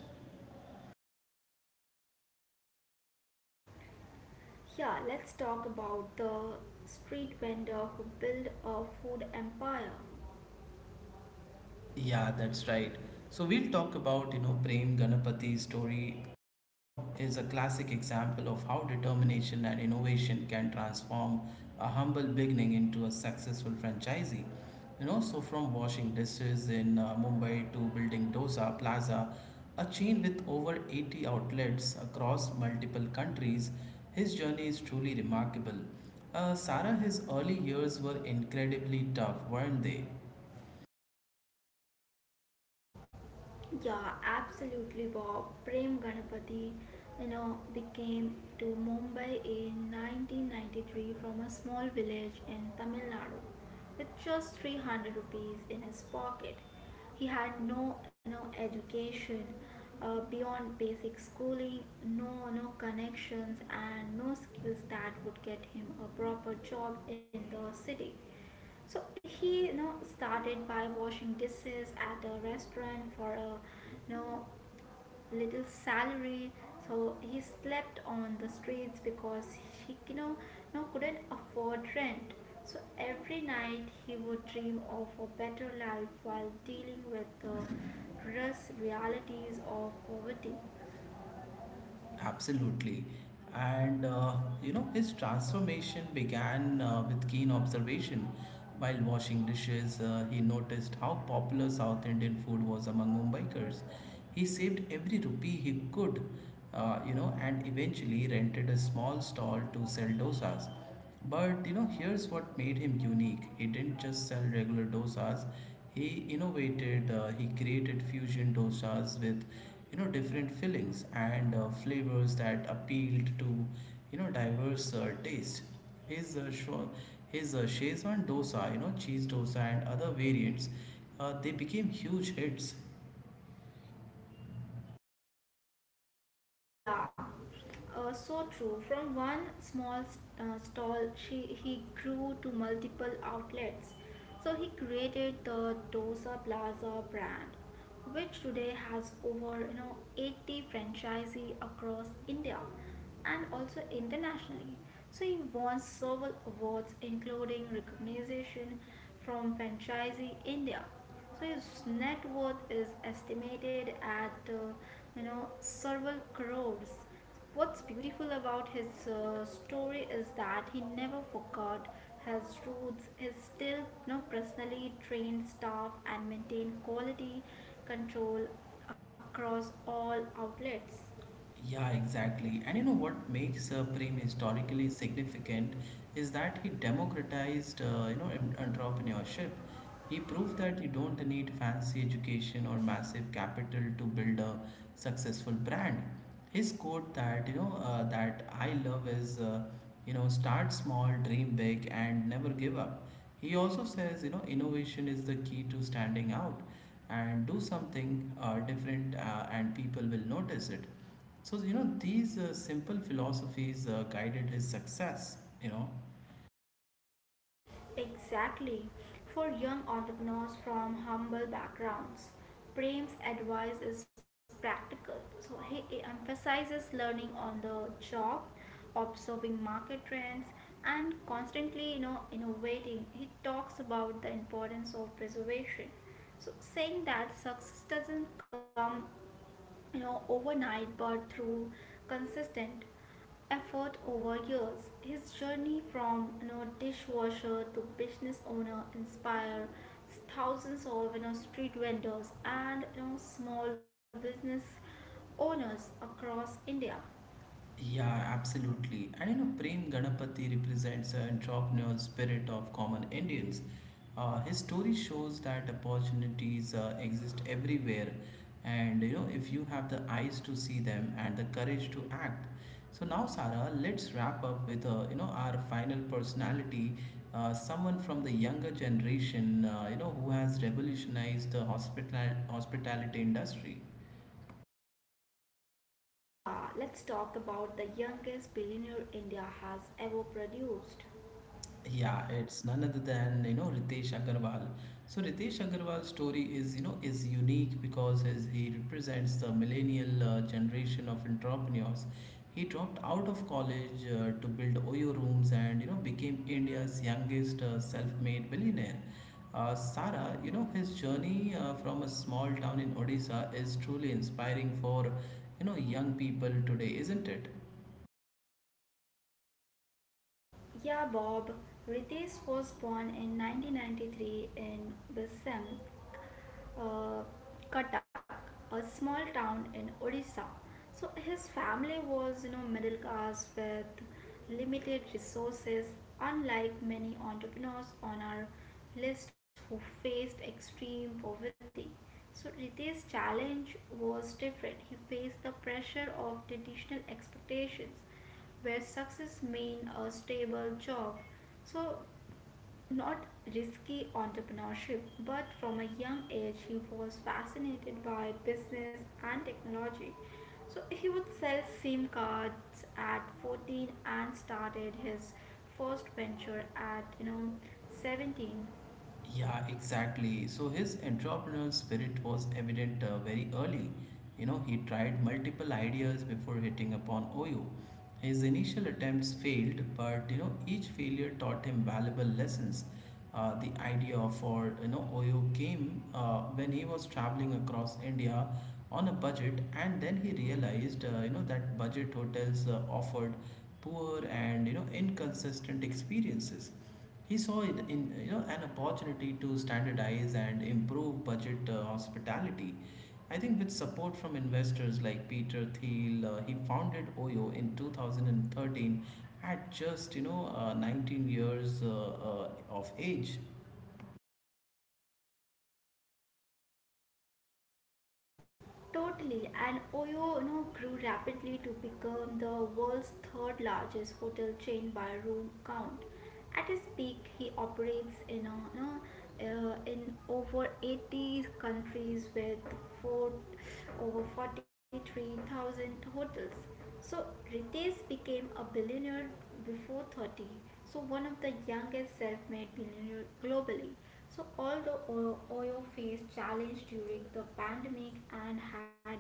[SPEAKER 2] Yeah, let's talk about the street vendor who built a food empire.
[SPEAKER 1] Yeah, that's right. So we'll talk about, you know, Prem Ganapathi's story, is a classic example of how determination and innovation can transform a humble beginning into a successful franchisee. So from washing dishes in Mumbai to building Dosa Plaza, a chain with over 80 outlets across multiple countries, his journey is truly remarkable. Sarah, his early years were incredibly tough, weren't they?
[SPEAKER 2] Yeah, absolutely, Bob. Prem Ganapati, you know, became to Mumbai in 1993 from a small village in Tamil Nadu with just 300 rupees in his pocket. He had no, you know, education beyond basic schooling, no connections, and no skills that would get him a proper job in the city. So he, you know, started by washing dishes at a restaurant for a, you know, little salary. So he slept on the streets because he, you know, no couldn't afford rent. So every night he would dream of a better life while dealing with the rush realities of poverty.
[SPEAKER 1] Absolutely. And you know, his transformation began with keen observation. While washing dishes, he noticed how popular South Indian food was among Mumbaikars. He saved every rupee he could, you know, and eventually rented a small stall to sell dosas. But you know, here's what made him unique. He didn't just sell regular dosas. He innovated. He created fusion dosas with, you know, different fillings and flavors that appealed to, you know, diverse tastes. His uh, shwa- his Shezwan dosa, you know, cheese dosa and other variants, they became huge hits.
[SPEAKER 2] Yeah, so true. From one small stall, she he grew to multiple outlets. So he created the Dosa Plaza brand, which today has over 80 franchisee across India and also internationally. So he won several awards, including recognition from Franchisee India. So his net worth is estimated at several crores. What's beautiful about his story is that he never forgot his roots. He still personally trained staff and maintained quality control across all outlets.
[SPEAKER 1] Yeah, exactly. And you know what makes Prem historically significant is that he democratized, entrepreneurship. He proved that you don't need fancy education or massive capital to build a successful brand. His quote that that I love is, you know, start small, dream big, and never give up. He also says, you know, innovation is the key to standing out and do something different and people will notice it, so you know these simple philosophies guided his success, you know.
[SPEAKER 2] Exactly. For young entrepreneurs from humble backgrounds, Prem's advice is practical. So he emphasizes learning on the job, observing market trends, and constantly innovating. He talks about the importance of preservation. So saying that success doesn't come, you know, overnight but through consistent effort over years. His journey from, you know, dishwasher to business owner inspires thousands of, you know, street vendors and, you know, small business owners across India.
[SPEAKER 1] Yeah, absolutely. And you know, Prem Ganapati represents an entrepreneurial spirit of common Indians. His story shows that opportunities exist everywhere, and you know, if you have the eyes to see them and the courage to act. So now, Sarah, let's wrap up with you know our final personality, someone from the younger generation, you know, who has revolutionized the hospitality industry.
[SPEAKER 2] Yeah, let's talk about the youngest billionaire India has ever produced.
[SPEAKER 1] Yeah, it's none other than you know Ritesh Agarwal. So Ritesh Agarwal's story is you know is unique because as he represents the millennial generation of entrepreneurs. He dropped out of college to build Oyo rooms and you know became India's youngest self-made billionaire. Sara, you know his journey from a small town in Odisha is truly inspiring for you know young people today, isn't it?
[SPEAKER 2] Yeah, Bob. Ritesh was born in 1993 in Bisam, uh, Cuttack, a small town in Odisha. So his family was, you know, middle class with limited resources, unlike many entrepreneurs on our list who faced extreme poverty. So Ritesh's challenge was different. He faced the pressure of traditional expectations where success means a stable job. So, not risky entrepreneurship, but from a young age, he was fascinated by business and technology. So, he would sell SIM cards at 14 and started his first venture at 17.
[SPEAKER 1] Yeah, exactly. So his entrepreneurial spirit was evident very early. You know, he tried multiple ideas before hitting upon Oyo. His initial attempts failed, but you know, each failure taught him valuable lessons. The idea for you know Oyo came when he was traveling across India on a budget, and then he realized you know that budget hotels offered poor and you know inconsistent experiences. He saw it in you know an opportunity to standardize and improve budget hospitality. I think with support from investors like Peter Thiel, he founded Oyo in 2013 at just 19 years of age.
[SPEAKER 2] Totally, and Oyo, you know, grew rapidly to become the world's third largest hotel chain by room count. At his peak, he operates in a, you know, in over 80 countries with four, over 43,000 hotels. So Ritesh became a billionaire before 30, so one of the youngest self-made billionaires globally. So, although Oyo faced challenge during the pandemic and had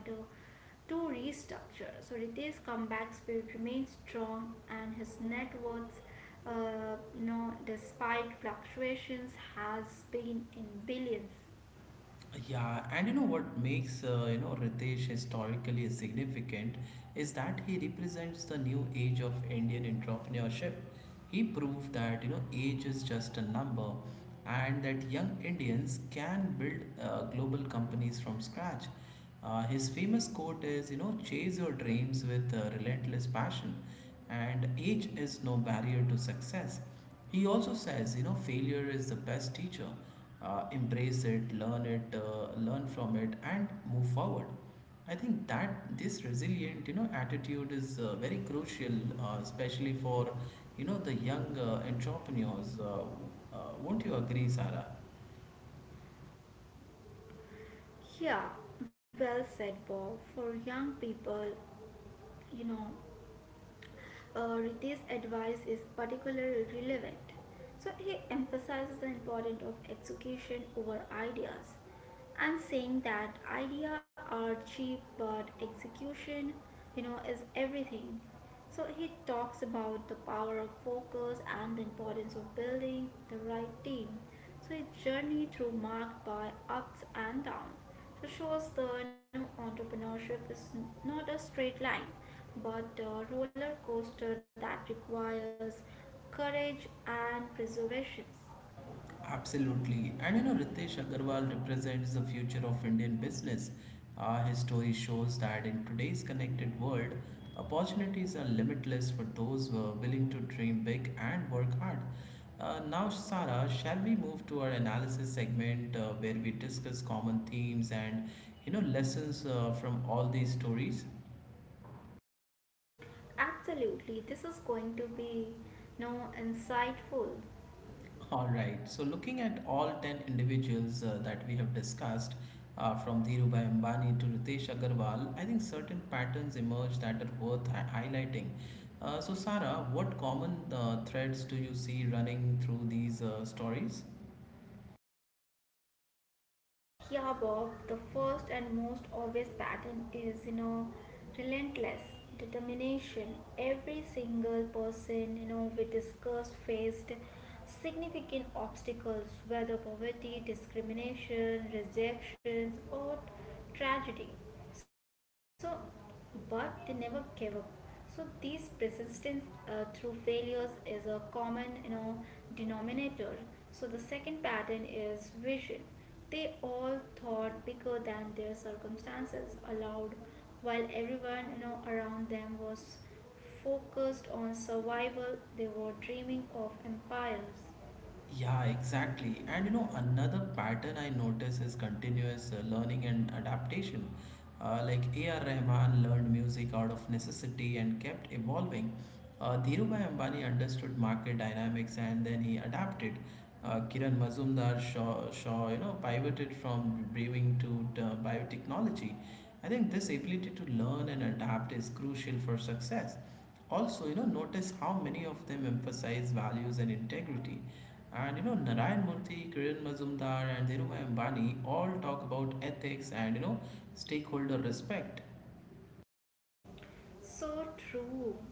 [SPEAKER 2] to restructure, so Ritesh's comeback spirit remains strong, and his net worth, you know, despite fluctuations, has been in billions.
[SPEAKER 1] Yeah, and you know what makes Ritesh historically significant is that he represents the new age of Indian entrepreneurship. He proved that you know age is just a number, and that young Indians can build global companies from scratch. His famous quote is you know chase your dreams with relentless passion, and age is no barrier to success. He also says, you know, failure is the best teacher. Embrace it, learn from it, and move forward. I think that this resilient, you know, attitude is very crucial, especially for, you know, the young entrepreneurs. Won't you agree, Sarah?
[SPEAKER 2] Yeah, well said, Bob. For young people, you know, uh, Riti's advice is particularly relevant. So he emphasizes the importance of execution over ideas and saying that ideas are cheap but execution is everything. So he talks about the power of focus and the importance of building the right team. So his journey through marked by ups and downs, so shows the entrepreneurship is not a straight line, but a roller coaster that requires courage and preservation.
[SPEAKER 1] Absolutely. And you know, Ritesh Agarwal represents the future of Indian business. His story shows that in today's connected world, opportunities are limitless for those who are willing to dream big and work hard. Now, Sarah, shall we move to our analysis segment where we discuss common themes and you know lessons from all these stories?
[SPEAKER 2] Absolutely, this is going to be, you know, insightful.
[SPEAKER 1] All right. So looking at all 10 individuals that we have discussed, from Dhirubhai Ambani to Ritesh Agarwal, I think certain patterns emerge that are worth highlighting. So Sarah, what common threads do you see running through these stories?
[SPEAKER 2] Yeah, Bob, the first and most obvious pattern is, you know, relentless determination. Every single person, you know, we discussed faced significant obstacles, whether poverty, discrimination, rejections, or tragedy. So, but they never gave up. So, these persistence through failures is a common, you know, denominator. So, the second pattern is vision. They all thought bigger than their circumstances allowed, while everyone around them was focused on survival. They were dreaming of empires.
[SPEAKER 1] Yeah, exactly. And you know, another pattern I notice is continuous learning and adaptation. Like A.R. Rahman learned music out of necessity and kept evolving. Dhirubhai Ambani understood market dynamics and then he adapted. Kiran Mazumdar Shaw, you know, pivoted from brewing to biotechnology. I think this ability to learn and adapt is crucial for success. Also, you know, notice how many of them emphasize values and integrity. And you know, Narayan Murthy, Kiran Mazumdar, and Dhirubhai Ambani all talk about ethics and you know, stakeholder respect.
[SPEAKER 2] So true.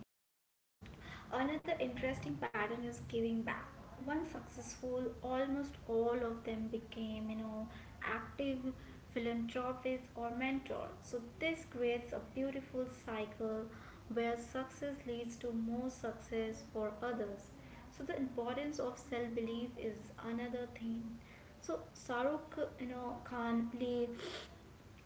[SPEAKER 2] Another interesting pattern is giving back. Once successful, almost all of them became, you know, active philanthropists or mentors. So this creates a beautiful cycle where success leads to more success for others. So the importance of self-belief is another thing. So Saruk, you know, Khan play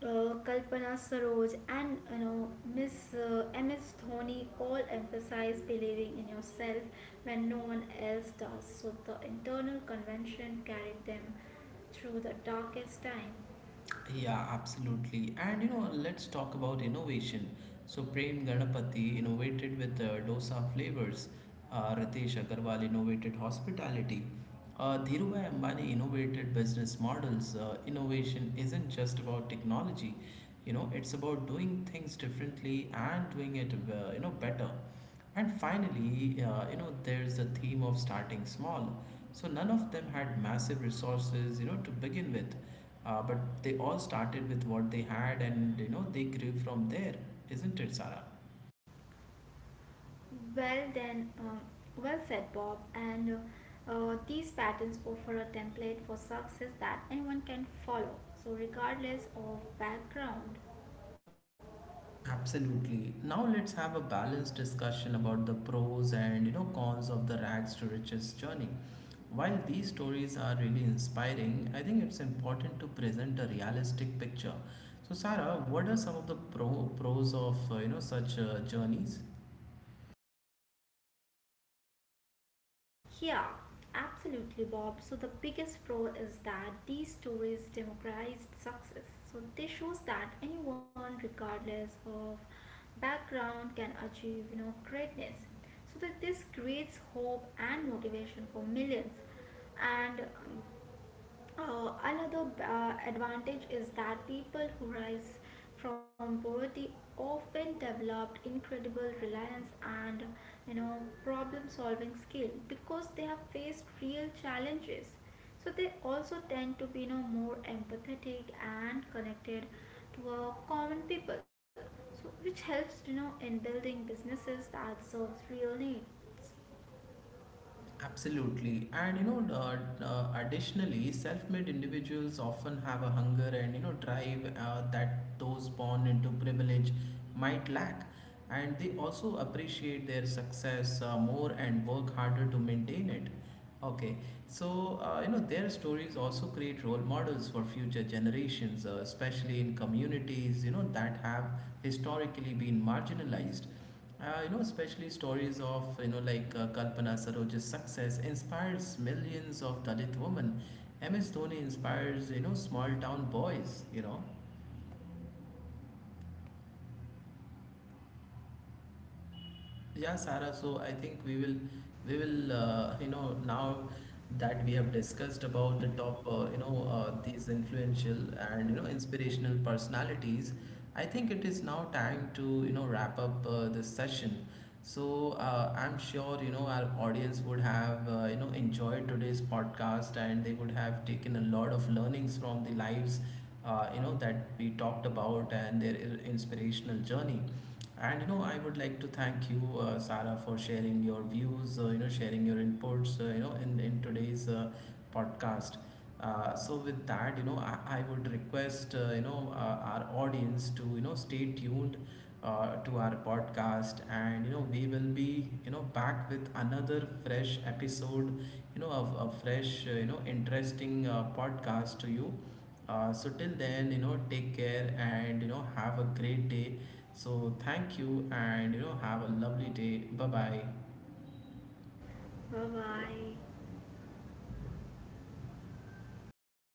[SPEAKER 2] Kalpana Saroj and Miss Ms Dhoni all emphasize believing in yourself when no one else does. So the internal convention carried them through the darkest time.
[SPEAKER 1] Yeah, absolutely. And you know, let's talk about innovation. So Prem Ganapati innovated with dosa flavors. Ritesh Agarwal innovated hospitality. Dhirubhai Ambani innovated business models. Innovation isn't just about technology. You know, it's about doing things differently and doing it, you know, better. And finally, you know, there's the theme of starting small. So none of them had massive resources, you know, to begin with. But they all started with what they had and you know they grew from there, isn't it, Sarah?
[SPEAKER 2] Well then, um, well said, Bob. And these patterns offer a template for success that anyone can follow. So regardless of background.
[SPEAKER 1] Absolutely. Now let's have a balanced discussion about the pros and you know cons of the rags to riches journey. While these stories are really inspiring, I think it's important to present a realistic picture. So, Sarah, what are some of the pros of you know such journeys?
[SPEAKER 2] Yeah, absolutely, Bob. So the biggest pro is that these stories democratized success. So they shows that anyone, regardless of background, can achieve greatness. So that this creates hope and motivation for millions. And another advantage is that people who rise from poverty often developed incredible reliance and you know problem solving skill because they have faced real challenges. So they also tend to be, you know, more empathetic and connected to a common people, so which helps, you know, in building businesses that serves real need.
[SPEAKER 1] Absolutely. And you know, additionally, self-made individuals often have a hunger and you know drive that those born into privilege might lack. And they also appreciate their success more and work harder to maintain it. Okay, so you know their stories also create role models for future generations, especially in communities you know that have historically been marginalized. You know, especially stories of, you know, like Kalpana Saroj's success inspires millions of Dalit women. MS Dhoni inspires, you know, small town boys, you know. Yeah, Sarah. So I think we will, you know, now that we have discussed about the top, these influential and you know inspirational personalities, I think it is now time to you know wrap up this session. So I'm sure you know our audience would have you know enjoyed today's podcast and they would have taken a lot of learnings from the lives, you know, that we talked about and their inspirational journey. And you know, I would like to thank you, Sarah, for sharing your views, you know, sharing your inputs, in today's podcast. So with that, you know, I would request, our audience to, you know, stay tuned to our podcast and, you know, we will be, you know, back with another fresh episode, you know, of a fresh, you know, interesting podcast to you. So till then, you know, take care and, you know, have a great day, so thank you and you know have a lovely day. Bye bye.
[SPEAKER 2] Bye bye.